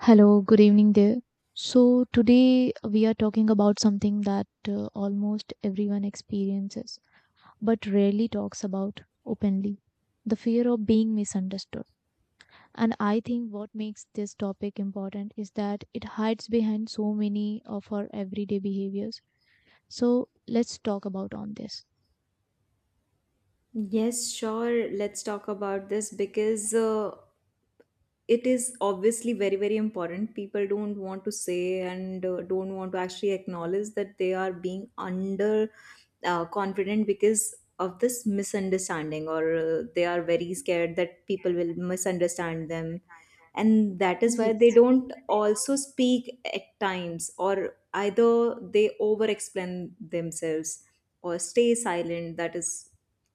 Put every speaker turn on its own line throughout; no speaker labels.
Hello, good evening there. So, today we are talking about something that almost everyone experiences but rarely talks about openly, the fear of being misunderstood. And I think what makes this topic important is that it hides behind so many of our everyday behaviors. So, let's talk about on this.
Yes, sure. Let's talk about this because it is obviously very, very important. People don't want to say and don't want to actually acknowledge that they are being under confident because of this misunderstanding, or they are very scared that people will misunderstand them. And that is why
Yes.
they don't also speak at times, or either they over explain themselves or stay silent. That is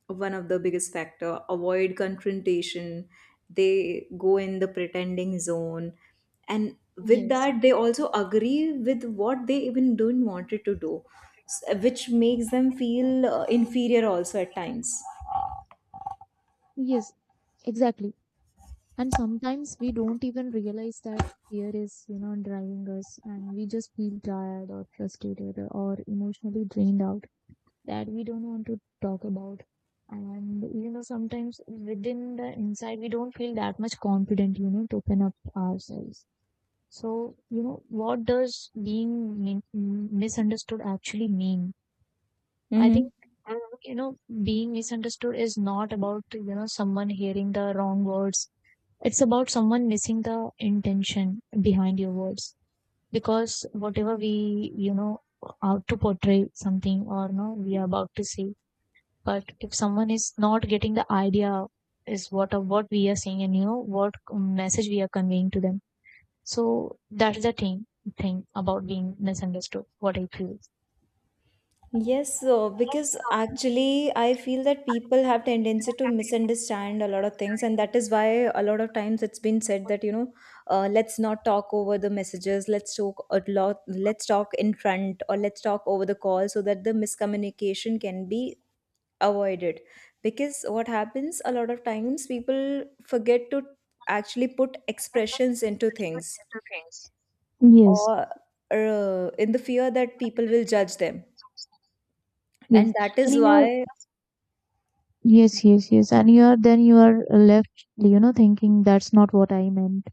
one of the biggest factor, avoid confrontation, they go in the pretending zone, and with
Yes.
that they also agree with what they even don't wanted to do, which makes them feel inferior also at times.
Yes, exactly. And sometimes we don't even realize that fear is, you know, driving us, and we just feel tired or frustrated or emotionally drained out that we don't want to talk about. And, you know, sometimes within the inside, we don't feel that much confident, you know, to open up ourselves. So, you know, what does being misunderstood actually mean? I think,
hmm
uh, you know, being misunderstood is not about, you know, someone hearing the wrong words, it's about someone missing the intention behind your words. Because whatever we, you know, are to portray something or no, we are about to say. But if someone is not getting the idea is what of what we are saying, and you know what message we are conveying to them. So that's the thing about being misunderstood, what I feel. Yes.
Yes, so because
So people
actually I feel that people have tendency to
have been
misunderstand
influenced
a lot of things, and that is why a lot of times it's been said that, you know, let's not talk over the messages, let's talk a lot, let's talk in front, or let's talk over the call, so that the miscommunication can be avoided. Because what happens a lot of times, people forget to actually put
with
expressions into things,
different things. Yes.
or in the fear that people will judge them,
Yes.
and that
And
is
you know,
why.
yes, yes, yes. And you're then you are left, you know, thinking that's not what I meant.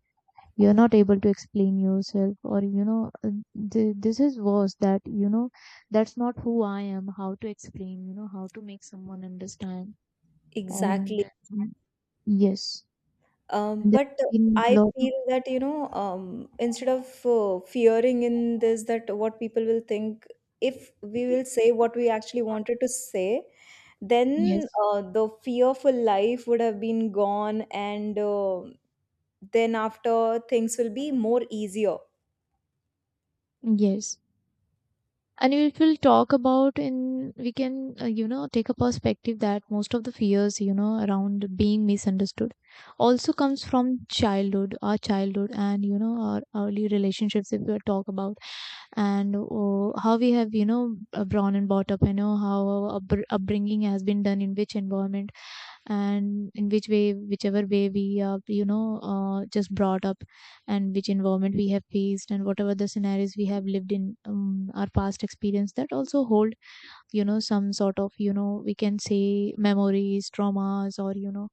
You're not able to explain yourself, or you know, this is worse that you know, that's not who I am. How to explain, you know, how to make someone understand. And
Exactly.
yes,
Um,
there
but
have been
I
lot of
feel that, you know, instead of fearing in this, that what people will think, if we will say what we actually wanted to say, then
yes,
the fearful life would have been gone, and then after things will be more easier.
yes. And if we'll talk about in we can you know take a perspective that most of the fears, you know, around being misunderstood also comes from childhood, our childhood, and you know our early relationships if we talk about, and oh, how we have, you know, born and brought up, you know how our upbringing has been done, in which environment and in which way, whichever way we are, you know, just brought up, and which environment we have faced, and whatever the scenarios we have lived in, our past experience, that also hold, you know, some sort of, you know, we can say memories, traumas, or you know,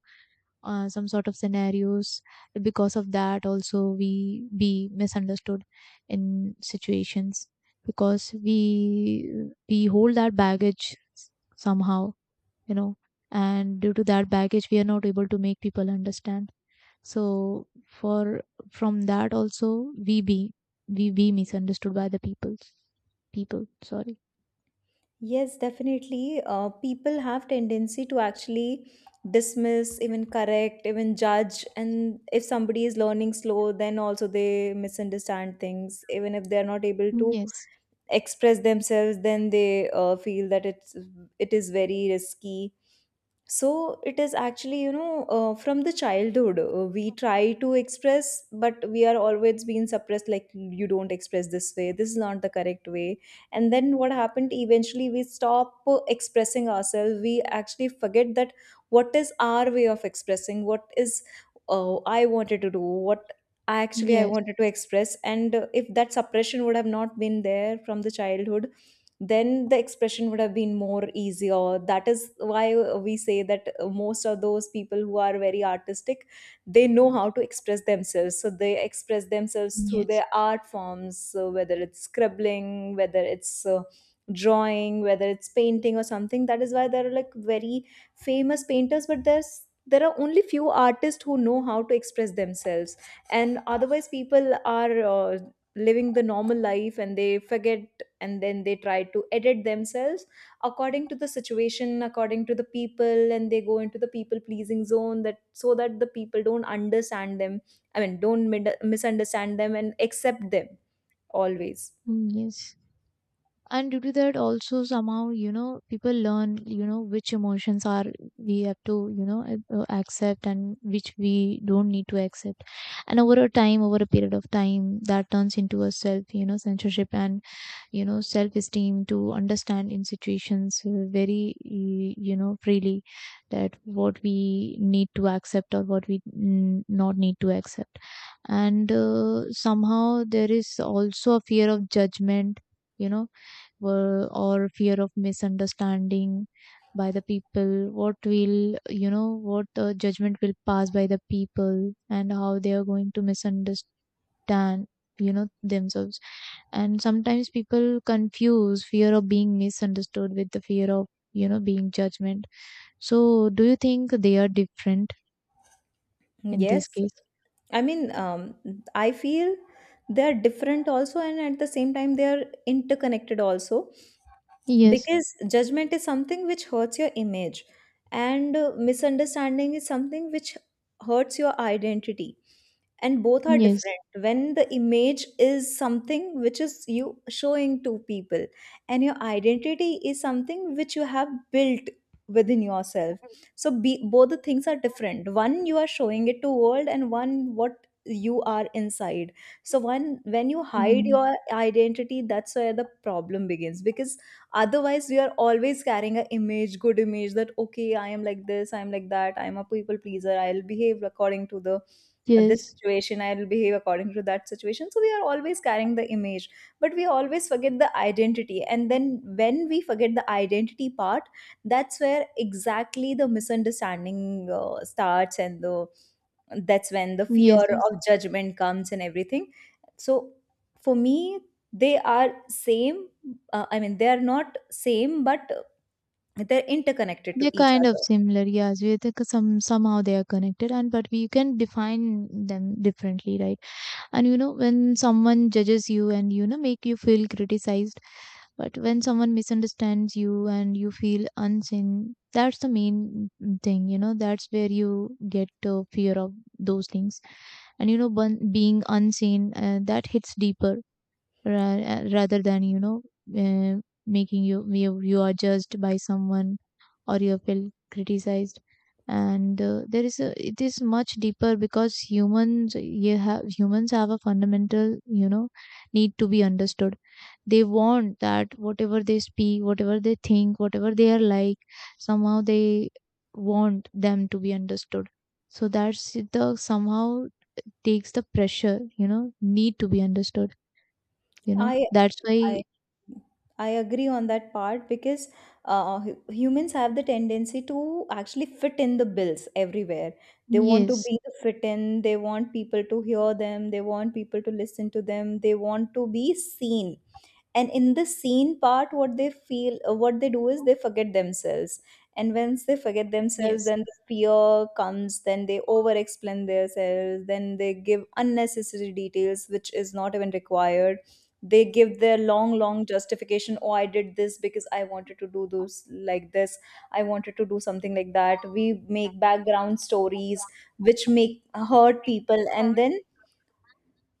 some sort of scenarios. Because of that also we be misunderstood in situations, because we hold that baggage somehow, you know, and due to that baggage we are not able to make people understand. So for from that also we be misunderstood by the people, people sorry.
Yes, definitely. People have tendency to actually dismiss, even correct, even judge. And if somebody is learning slow, then also they misunderstand things. Even if they are not able to
Yes,
express themselves, then they feel that it is very risky. So it is actually, you know, from the childhood we try to express, but we are always being suppressed, like you don't express this way, this is not the correct way. And then what happened, eventually we stop expressing ourselves. We actually forget that what is our way of expressing, what is, I wanted to do, what I actually I
yes,
wanted to express. And if that suppression would have not been there from the childhood, then the expression would have been more easier. That is why we say that most of those people who are very artistic, they know how to express themselves, so they express themselves through
yes,
their art forms, so whether it's scribbling, whether it's drawing, whether it's painting or something. That is why there are like very famous painters, but there are only few artists who know how to express themselves, and otherwise people are uh, living the normal life and they forget, and then they try to edit themselves according to the situation, according to the people, and they go into the people pleasing zone, that so that the people don't understand them, I mean don't misunderstand them and accept them always.
yes. And due to that also somehow, you know, people learn, you know, which emotions are we have to, you know, accept and which we don't need to accept. And over a time, over a period of time, that turns into a self, you know, censorship and, you know, self esteem to understand in situations, very you know freely, that what we need to accept or what we not need to accept. And somehow there is also a fear of judgment, you know, were, or fear of misunderstanding by the people, what will, you know, what judgment will pass by the people and how they are going to misunderstand, you know, themselves. And sometimes people confuse fear of being misunderstood with the fear of, you know, being judgment. So do you think they are different in
Yes,
this case?
I mean, I feel they are different also, and at the same time they are interconnected also,
Yes,
because judgment is something which hurts your image, and misunderstanding is something which hurts your identity. And both are
yes.
different. When the image is something which is you showing to people, and your identity is something which you have built within yourself, so be, both the things are different. One you are showing it to world, and one what you are inside. So one, when you hide
Mhm.
your identity, that's where the problem begins, because otherwise we are always carrying a image, good image, that okay, I am like this, I am like that, I am a people pleaser, I'll behave according to the this
Yes,
situation, I'll behave according to that situation. So we are always carrying the image, but we always forget the identity. And then when we forget the identity part, that's where exactly the misunderstanding starts, and the that's when the fear
yes, yes.
of judgment comes and everything. So for me, they are same, I mean they are not same, but they're interconnected to
They're
each
kind of
other.
similar, yes. We think some somehow they are connected, and but we can define them differently, right? And you know, when someone judges you and you know make you feel criticized, but when someone misunderstands you and you feel unseen, that's the main thing. You know, that's where you get fear of those things, and you know, being unseen that hits deeper rather than you know uh, making you you are judged by someone or you have been criticized. And there is a it is much deeper because humans have a fundamental, you know, need to be understood. They want that whatever they speak, whatever they think, whatever they are like, somehow they want them to be understood. So that's the somehow takes the pressure, you know, need to be understood, you know,
i
that's why.
i I agree on that part, because humans have the tendency to actually fit in the bills everywhere. They want to
Yes.
be the fit in, they want people to hear them, they want people to listen to them, they want to be seen. And in the scene part, what they feel, what they do is they forget themselves. And once they forget themselves,
Yes.
then the fear comes, then they over explain themselves, then they give unnecessary details which is not even required. They give their long long justification, oh, I did this because I wanted to do those like this, I wanted to do something like that. We make background stories which make hurt people, and then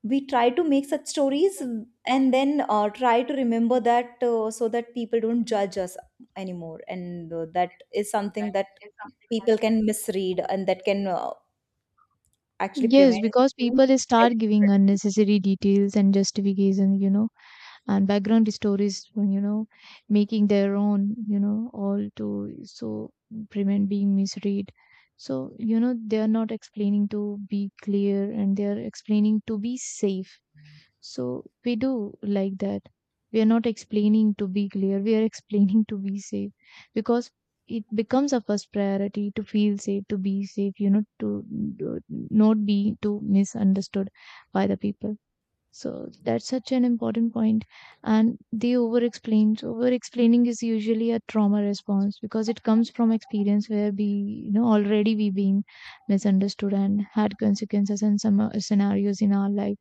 we try to make such stories and then try to remember that so that people don't judge us anymore. And that is something that people can misread, and that can actually
Yes,
prevent
because
being
people start giving
read.
unnecessary details and justification, you know, and background stories, you know, making their own, you know, all to so prevent being misread. So, you know, they are not explaining to be clear, and they are explaining to be safe. So we do like that. We are not explaining to be clear, we are explaining to be safe, because it becomes a first priority to feel safe, to be safe, you know, to not be too misunderstood by the people. So that's such an important point. And they over explain. Over explaining is usually a trauma response because it comes from experience where we, you know, already we being misunderstood and had consequences and some scenarios in our life,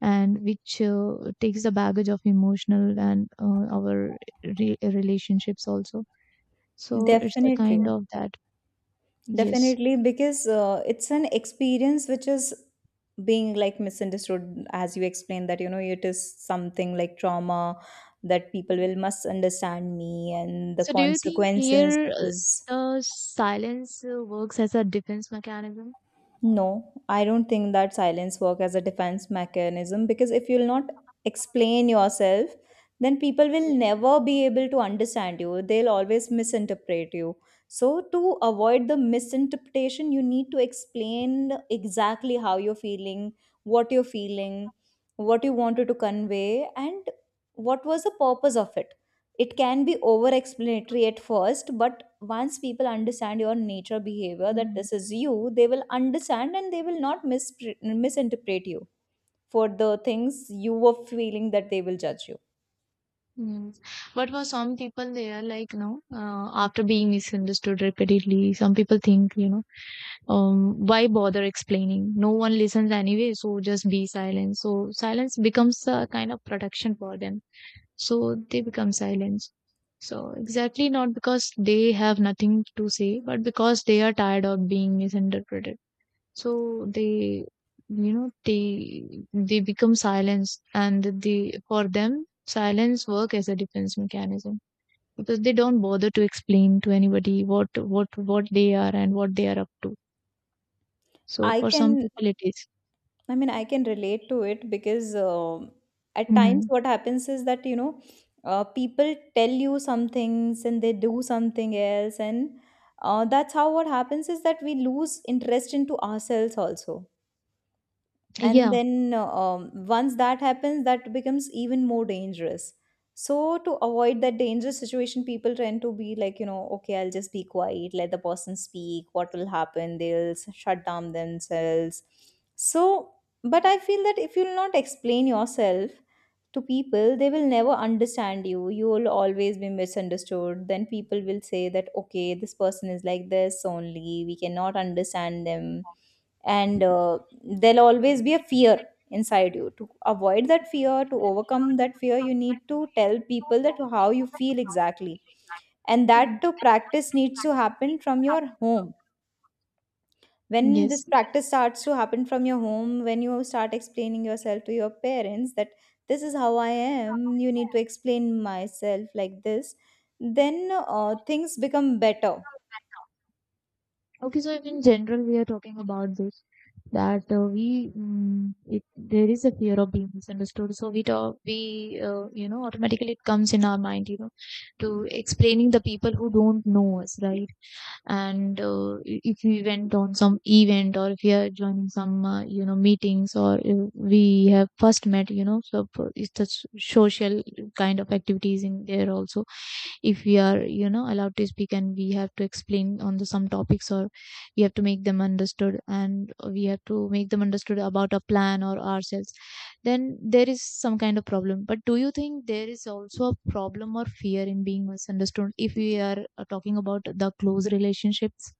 and which takes the baggage of emotional and our relationships also. So it's the
Definitely,
kind of that yes.
definitely, because it's an experience which is being like misunderstood, as you explained, that you know, it is something like trauma that people will misunderstand me and the
So do you think
consequences.
here the silence works as a defense mechanism?
No, I don't think that silence work as a defense mechanism, because if you'll not explain yourself, then people will never be able to understand you. They'll always misinterpret you. So to avoid the misinterpretation, you need to explain exactly how you're feeling, what you wanted to convey, and what was the purpose of it. It can be over explanatory at first, but once people understand your nature behavior that
Mhm.
this is you, they will understand and they will not misinterpret you for the things you were feeling, that they will judge you.
Yes. But for some people, they are like, no, after being misunderstood repeatedly, some people think, you know, why bother explaining? No one listens anyway, so just be silent. So silence becomes a kind of protection for them, so they become silent. So exactly not because they have nothing to say, but because they are tired of being misinterpreted. So they, you know, they become silence, and they for them silence work as a defense mechanism, because they don't bother to explain to anybody what what they are and what they are up to. So
i
for
can
some people it is.
i mean i can relate to it, because at times
Mhm.
what happens is that, you know, people tell you some things and they do something else. And that's how, what happens is that we lose interest into ourselves also. And
Yeah.
then once that happens, that becomes even more dangerous. So to avoid that dangerous situation, people tend to be like, you know, okay, I'll just be quiet, let the person speak, what will happen, they'll shut down themselves. So, but I feel that if you'll not explain yourself to people, they will never understand you. You will always be misunderstood, then people will say that, okay, this person is like this only, we cannot understand them. And there'll always be a fear inside you. To avoid that fear, to overcome that fear, you need to tell people that how you feel exactly. And
Mm.
that to practice needs to happen from your home. When this
Yes.
practice starts to happen from your home, when you start explaining yourself to your parents that this is how I am, you need to explain myself like this, then things become better.
Okay, so in general we are talking about this, that we it, there is a fear of being misunderstood, so we talk we you know automatically it comes in our mind, you know, to explaining the people who don't know us, right? And if we went on some event, or if we are joining some you know meetings, or if we have first met, you know, so it's the social kind of activities in there also. If we are, you know, allowed to speak and we have to explain on the some topics, or we have to make them understood and we have to make them understood about a plan or ourselves, then there is some kind of problem. But do you think there is also a problem or fear in being misunderstood if we are talking about the close relationships?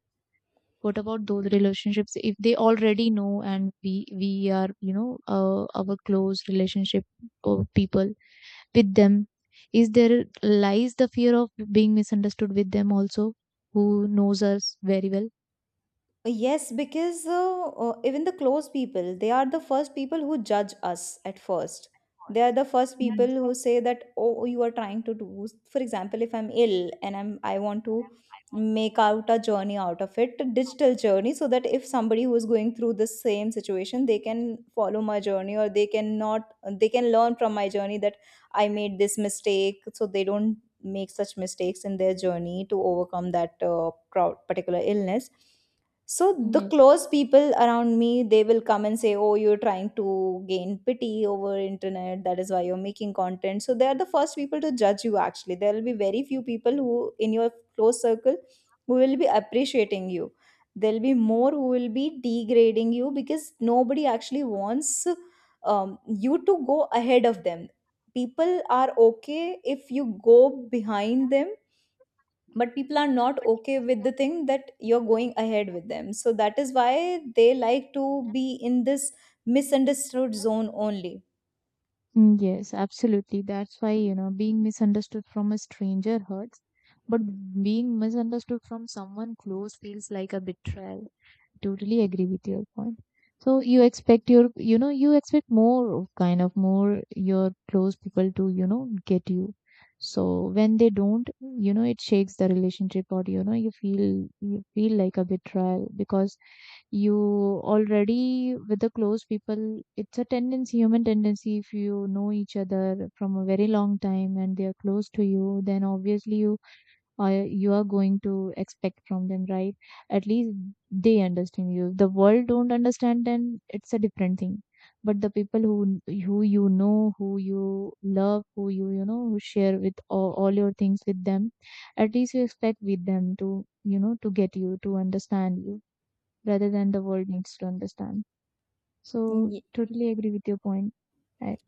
What about those relationships if they already know and we are, you know, our close relationship or people with them? Is there lies the fear of being misunderstood with them also, who knows us very well?
Yes, because even the close people, they are the first people who judge us at first. They are the first
Yeah.
people who say that, oh, you are trying to do. For example, if I'm ill and I want to make out a journey out of it, a digital journey, so that if somebody who is going through the same situation, they can follow my journey, or they can not, they can learn from my journey that I made this mistake, so they don't make such mistakes in their journey to overcome that particular illness. So
Mm.
the
Yes.
close people around me, they will come and say, oh, you're trying to gain pity over internet, that is why you're making content. So they are the first people to judge you, actually. There will be very few people who in your close circle who will be appreciating you. There'll be more who will be degrading you, because nobody actually wants you to go ahead of them. People are okay if you go behind them, but people are not okay with the thing that you're going ahead with them. So that is why they like to be in this misunderstood zone only.
Mm, yes, absolutely. That's why, you know, being misunderstood from a stranger hurts, but being misunderstood from someone close feels like a betrayal. Totally agree with your point. So you expect your, you know, you expect more kind of more your close people to, you know, get you. So when they don't, you know, it shakes the relationship, or, you know, you feel like a betrayal. Because you already with the close people it's a tendency, human tendency, if you know each other from a very long time and they are close to you, then obviously you are going to expect from them, right? At least they understand you. If the world don't understand, then it's a different thing. But the people who you know, who you love, who you, you know, who share with all your things with them, at least you expect with them to, you know, to get you, to understand you, rather than the world needs to understand. So, totally agree with your point. I,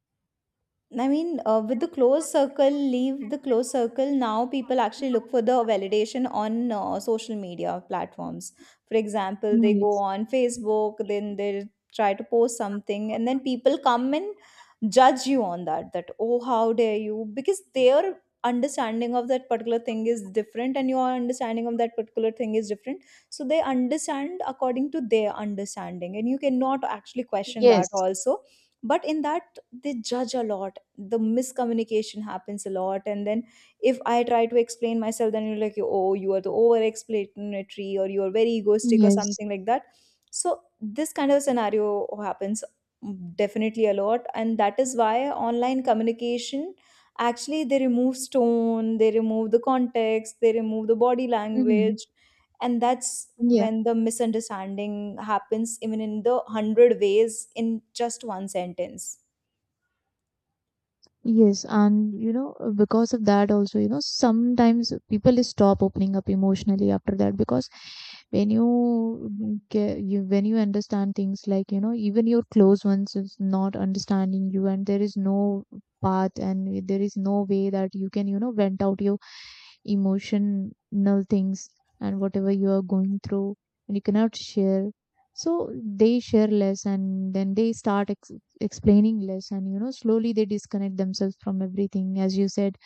I mean, with the close circle, leave the close circle. Now, people actually look for the validation on social media platforms. For example, they go
yes.
on Facebook, then they try to post something, and then people come and judge you on that. That, oh, how dare you? Because their understanding of that particular thing is different, and your understanding of that particular thing is different. So they understand according to their understanding, and you cannot actually question that
Yes.
also, but in that they judge a lot. The miscommunication happens a lot, and then if I try to explain myself, then you're like, oh, you are the over explanatory or you're very egoistic or
Yes.
something like that. So this kind of scenario happens definitely a lot, and that is why online communication, actually, they remove tone, they remove the context, they remove the body
Hmm.
language, and that's
Yeah.
when the misunderstanding happens even in the hundred ways in just one sentence.
Yes, and you know, because of that also, you know, sometimes people stop opening up emotionally after that because when you you when you understand things like, you know, even your close ones is not understanding you and there is no path and there is no way that you can, you know, vent out your emotional things and whatever you are going through and you cannot share, so they share less and then they explaining less. And you know, slowly they disconnect themselves from everything, as you said.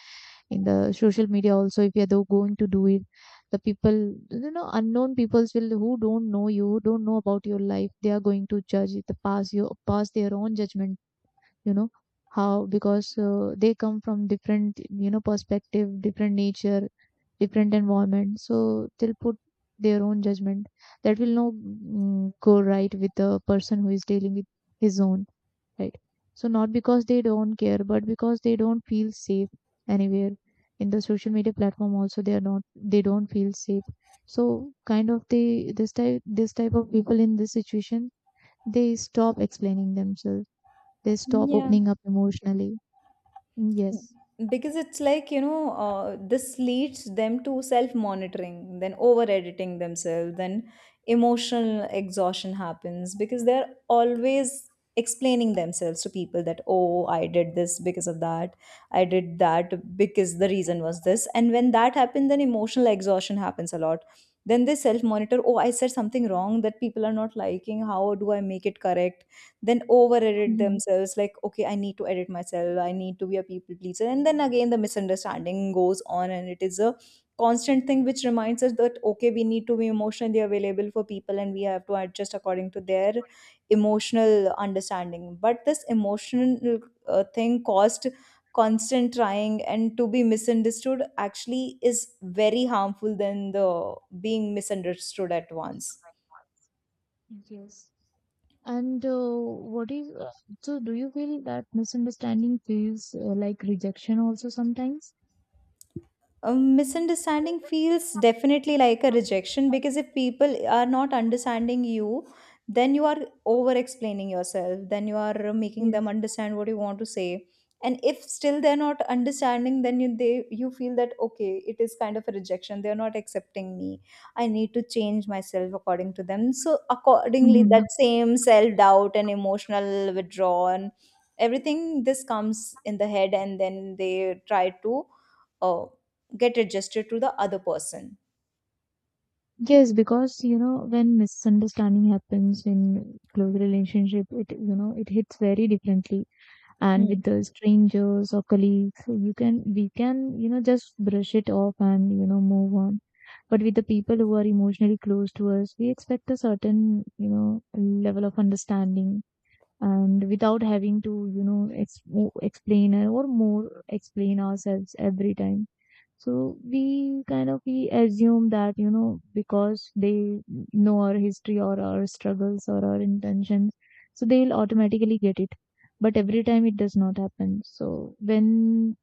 In the social media also, if you are though going to do it, the people, you know, unknown peoples will, who don't know you, who don't know about your life, they are going to judge the past. You pass their own judgment, you know. How? Because they come from different, you know, perspective, different nature, different environment, so they'll put their own judgment that will not go right with the person who is dealing with his own, right? So not because they don't care, but because they don't feel safe anywhere. In the social media platform also, they are not, they don't feel safe. So kind of they this type of people in this situation, they stop explaining themselves. They stop
Yeah.
opening up emotionally. Yes.
Because it's like, this leads them to self monitoring, then over editing themselves, then emotional exhaustion happens because they're always explaining themselves to people, that oh, I did this because of that, I did that because the reason was this. And when that happens, then emotional exhaustion happens a lot. Then they self monitor, oh, I said something wrong that people are not liking, how do I make it correct? Then over edit
Yes.
themselves like, okay, I need to edit myself, I need to be a people pleaser, and then again the misunderstanding goes on, and it is a constant thing which reminds us that okay, we need to be emotionally available for people and we have to adjust according to their emotional understanding. But this emotional thing caused constant trying, and to be misunderstood actually is very harmful than the being misunderstood at once.
Yes. And what is so? Do you feel that misunderstanding feels like rejection also sometimes?
A misunderstanding feels definitely like a rejection, because if people are not understanding you, then you are over explaining yourself, then you are making them
Yes.
understand what you want to say. And if still they're not understanding, then you feel that okay, it is kind of a rejection, they're not accepting me, I need to change myself according to them. So accordingly, that
Mhm.
same self doubt and emotional withdrawal and everything, this comes in the head, and then they try to uh, get adjusted to the other person.
Yes, because you know when misunderstanding happens in close relationship, it, you know, it hits very differently. And with
Hmm.
the strangers or colleagues, you can, we can, you know, just brush it off and, you know, move on. But with the people who are emotionally close to us, we expect a certain, you know, level of understanding, and without having to, you know, explain or more explain ourselves every time. So we kind of, we assume that, you know, because they know our history or our struggles or our intentions, so they'll automatically get it. But every time it does not happen, so when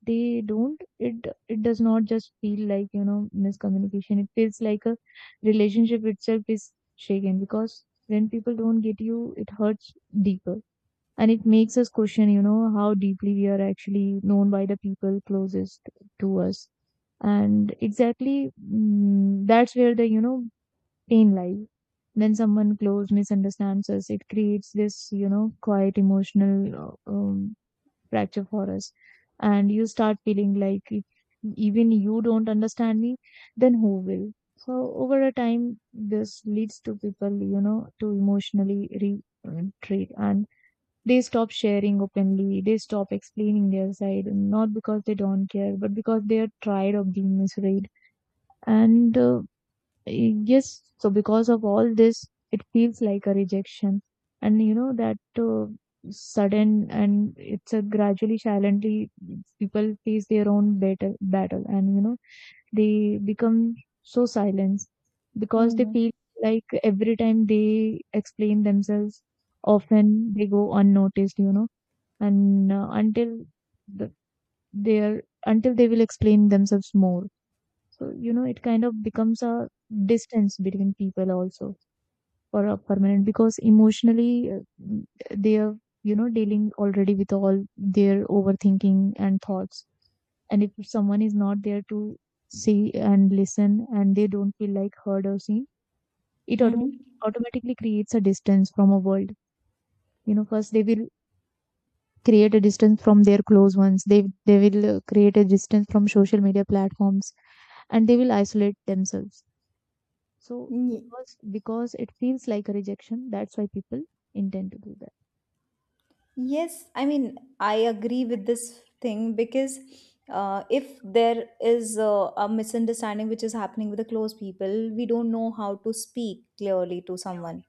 they don't, it does not just feel like, you know, miscommunication, it feels like a relationship itself is shaken because when people don't get you, it hurts deeper. And it makes us question, you know, how deeply we are actually known by the people closest to us. And exactly that's where the, you know, pain lies. When someone close misunderstands us, it creates this, you know, quiet emotional fracture for us. And you start feeling like, if even you don't understand me, then who will? So over a time, this leads to people, you know, to emotionally retreat, and they stop sharing openly. They stop explaining their side, not because they don't care, but because they are tired of being misread. And yes, so because of all this, it feels like a rejection. And you know that sudden, and it's a gradually, silently, people face their own battle, and you know they become so silent because they
Mm-hmm.
feel like every time they explain themselves, often they go unnoticed. You know, and until the, they are until they will explain themselves more, so you know it kind of becomes a distance between people also for a permanent, because emotionally they are, you know, dealing already with all their overthinking and thoughts. And if someone is not there to see and listen, and they don't feel like heard or seen, it
Mm-hmm.
automatically creates a distance from a world. You know, first they will create a distance from their close ones. They will create a distance from social media platforms, and they will isolate themselves. So
Ye-
because it feels like a rejection, that's why people intend to do that.
Yes, I mean, I agree with this thing because if there is a misunderstanding which is happening with the close people, we don't know how to speak clearly to someone.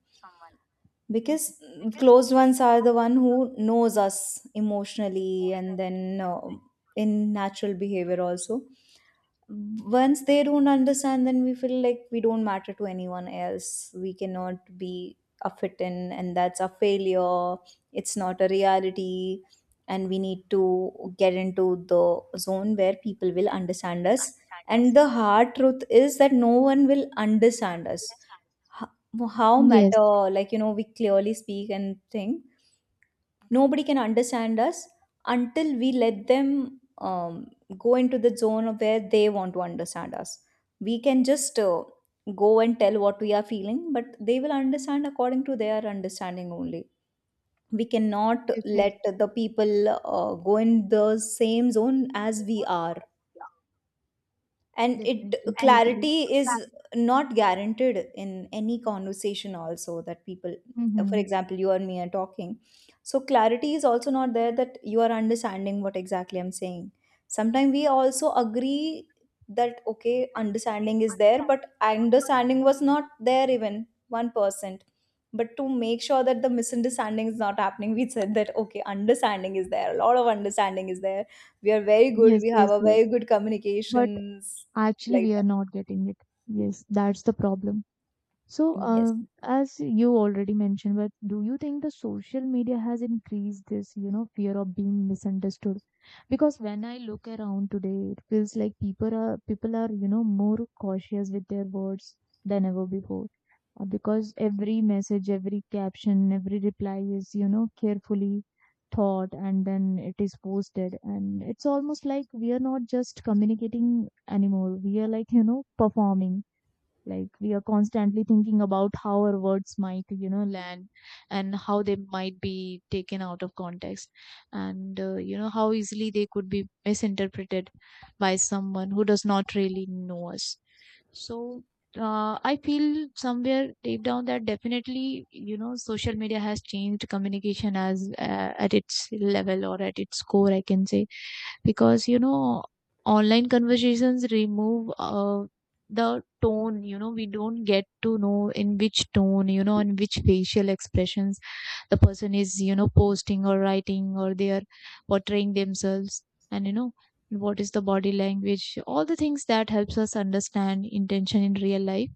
Mhm.
Because closed ones are the one who knows us emotionally, and then in natural behavior also, once they don't understand, then we feel like we don't matter to anyone else, we cannot be a fit in, and that's a failure. It's not a reality, and we need to get into the zone where people will understand us. And the hard truth is that no one will understand us, ho- how
Yes,
matter, like, you know, we clearly speak and think, nobody can understand us until we let them um, go into the zone of where they want to understand us. We can just go and tell what we are feeling, but they will understand according to their understanding only. We cannot
definitely,
let the people go in the same zone as we are. And it
definitely, and totally.
clarity is not guaranteed in any conversation also, that people, for
Hmm.
example, you and me are talking, so clarity is also not there, that you are understanding what exactly I'm saying. Sometimes we also agree that okay, understanding is there, but understanding was not there even 1%. But to make sure that the misunderstanding is not happening, we said that okay, understanding is there, a lot of understanding is there, we are very good,
Yes,
we
yes,
have a
yes.
very good
But
communications
actually we
like
are not getting it. Yes, that's the problem. So,
that. Yes.
as you already mentioned, but do you think the social media has increased this, you know, fear of being misunderstood? Because when I look around today, it feels like people are, you know, more cautious with their words than ever before. Because every message, every caption, every reply is, you know, carefully thought, and then it is posted. And it's almost like we are not just communicating anymore. We are, like, you know, performing, like we are constantly thinking about how our words might, you know, land, and how they might be taken out of context, and you know, how easily they could be misinterpreted by someone who does not really know us. So I feel somewhere deep down that definitely, you know, social media has changed communication as, at its level or at its core, I can say. Because you know, online conversations remove the tone, you know, we don't get to know in which tone, you know, in which facial expressions the person is, you know, posting or writing, or they are portraying themselves. And you know, what is the body language, all the things that helps us understand intention in real life,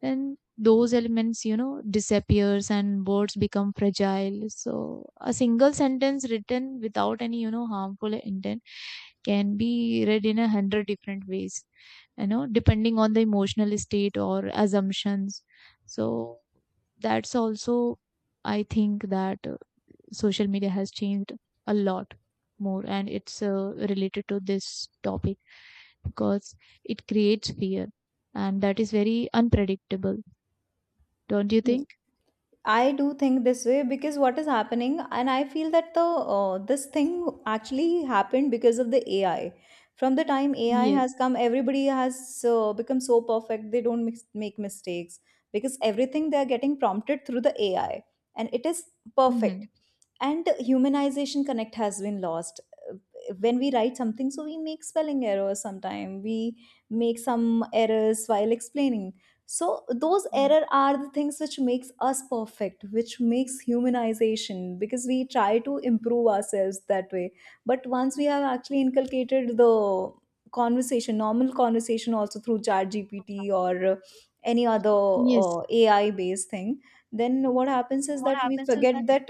then those elements, you know, disappears, and words become fragile. So a single sentence written without any, you know, harmful intent can be read in a hundred different ways, you know, depending on the emotional state or assumptions. So that's also, I think that social media has changed a lot more, and it's related to this topic because it creates fear, and that is very unpredictable, don't you
Y-
think?
I do think this way, because what is happening, and I feel that the this thing actually happened because of the AI. From the time AI
Yes.
has come, everybody has become so perfect, they don't make mistakes, because everything they are getting prompted through the AI, and it is
Mm-hmm.
perfect. And humanization connect has been lost. Uh, When we write something, so we make spelling errors. Sometime we make some errors while explaining, so those
Yes.
error are the things which makes us perfect, which makes humanization, because we try to improve ourselves that way. But once we have actually inculcated the conversation normal conversation also through chat gpt or any other
Yes.
ai based thing, then what happens is
What
that we
happens is
forget
that
that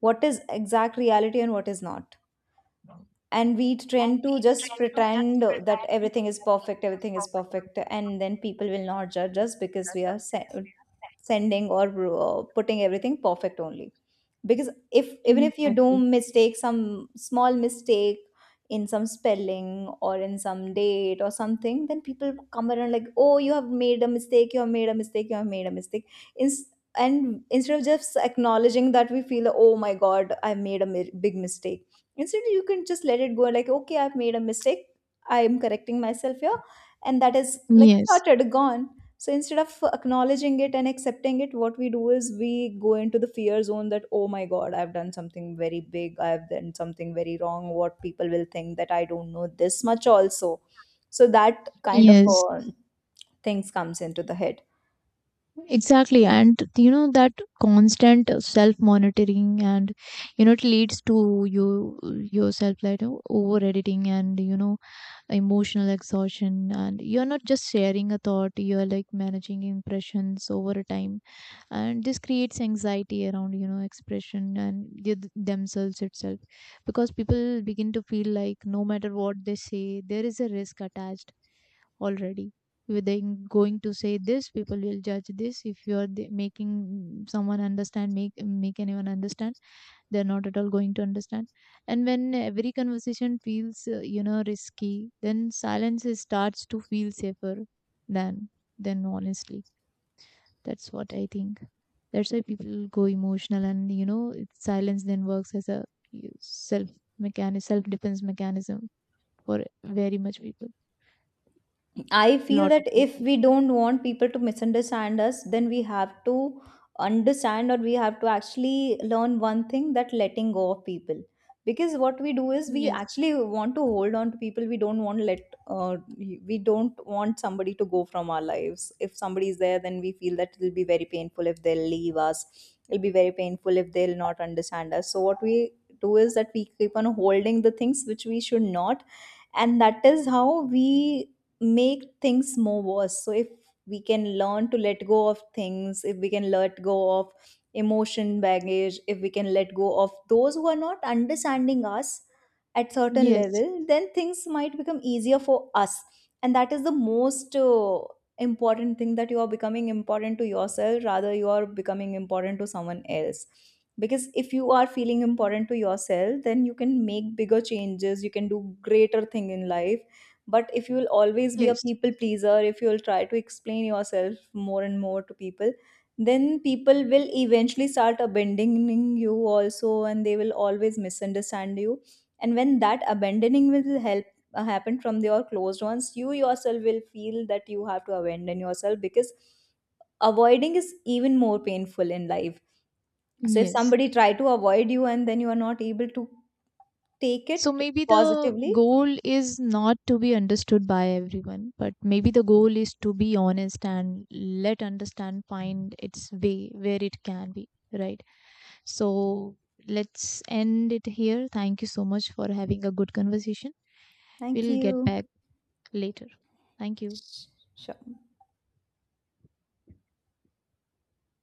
what is exact reality and what is not, and we tend to just pretend that everything is perfect, everything is perfect, and then people will not judge us because we are sending or putting everything perfect only. Because if even if you do
exactly.
mistake some small mistake in some spelling or in some date or something, then people come around like, oh, you have made a mistake, you have made a mistake, you have made a mistake. Ins- and instead of just acknowledging that, we feel, oh my god, I made a big mistake. Instead you can just let it go like, okay, I've made a mistake, I am correcting myself here, and that is like
Yes,
started gone. So instead of acknowledging it and accepting it, what we do is we go into the fear zone, that oh my god, I've done something very big, I've done something very wrong, what people will think, that I don't know this much also. So that kind of
yes,
things comes into the head.
exactly. And you know, that constant self-monitoring and, you know, it leads to you yourself like over-editing and, you know, emotional exhaustion. And you're not just sharing a thought, you're like managing impressions over a time. And this creates anxiety around, you know, expression and themselves itself, because people begin to feel like no matter what they say, there is a risk attached already. With them going to say this, people will judge this. If you are making someone understand, make anyone understand, they're not at all going to understand. And when every conversation feels, you know, risky, then starts to feel safer than than honestly, that's what I think. That's why people go emotional, and you know, silence then works as a self mechanism, self defense mechanism for very much people,
I feel
lot of
that if
people.
we don't want people to misunderstand us, then we have to understand, or we have to actually learn one thing, that letting go of people. Because what we do is we
Yes,
actually want to hold on to people. We don't want let, we don't want somebody to go from our lives. If somebody is there, then we feel that it'll be very painful if they'll leave us. It'll be very painful if they'll not understand us. So what we do is that we keep on holding the things which we should not, and that is how we make things more worse. So if we can learn to let go of things, if we can let go of emotion baggage, if we can let go of those who are not understanding us at certain
yes,
level, then things might become easier for us. And that is the most important thing, that you are becoming important to yourself rather you are becoming important to someone else. Because if you are feeling important to yourself, then you can make bigger changes, you can do greater thing in life. But if you will always be a
yes,
people pleaser, if you will try to explain yourself more and more to people, then people will eventually start abandoning you also, and they will always misunderstand you. And when that abandoning will help happen from your closed ones, you yourself will feel that you have to abandon yourself, because avoiding is even more painful in life. So if
yes.
somebody try to avoid you and then you are not able to take
So
it
maybe the
positively,
goal is not to be understood by everyone, but maybe the goal is to be honest and let understand find its way where it can be, right? So let's end it here. Thank you so much for having a good conversation.
thank
We'll get
you.
back later. Thank you.
Sure.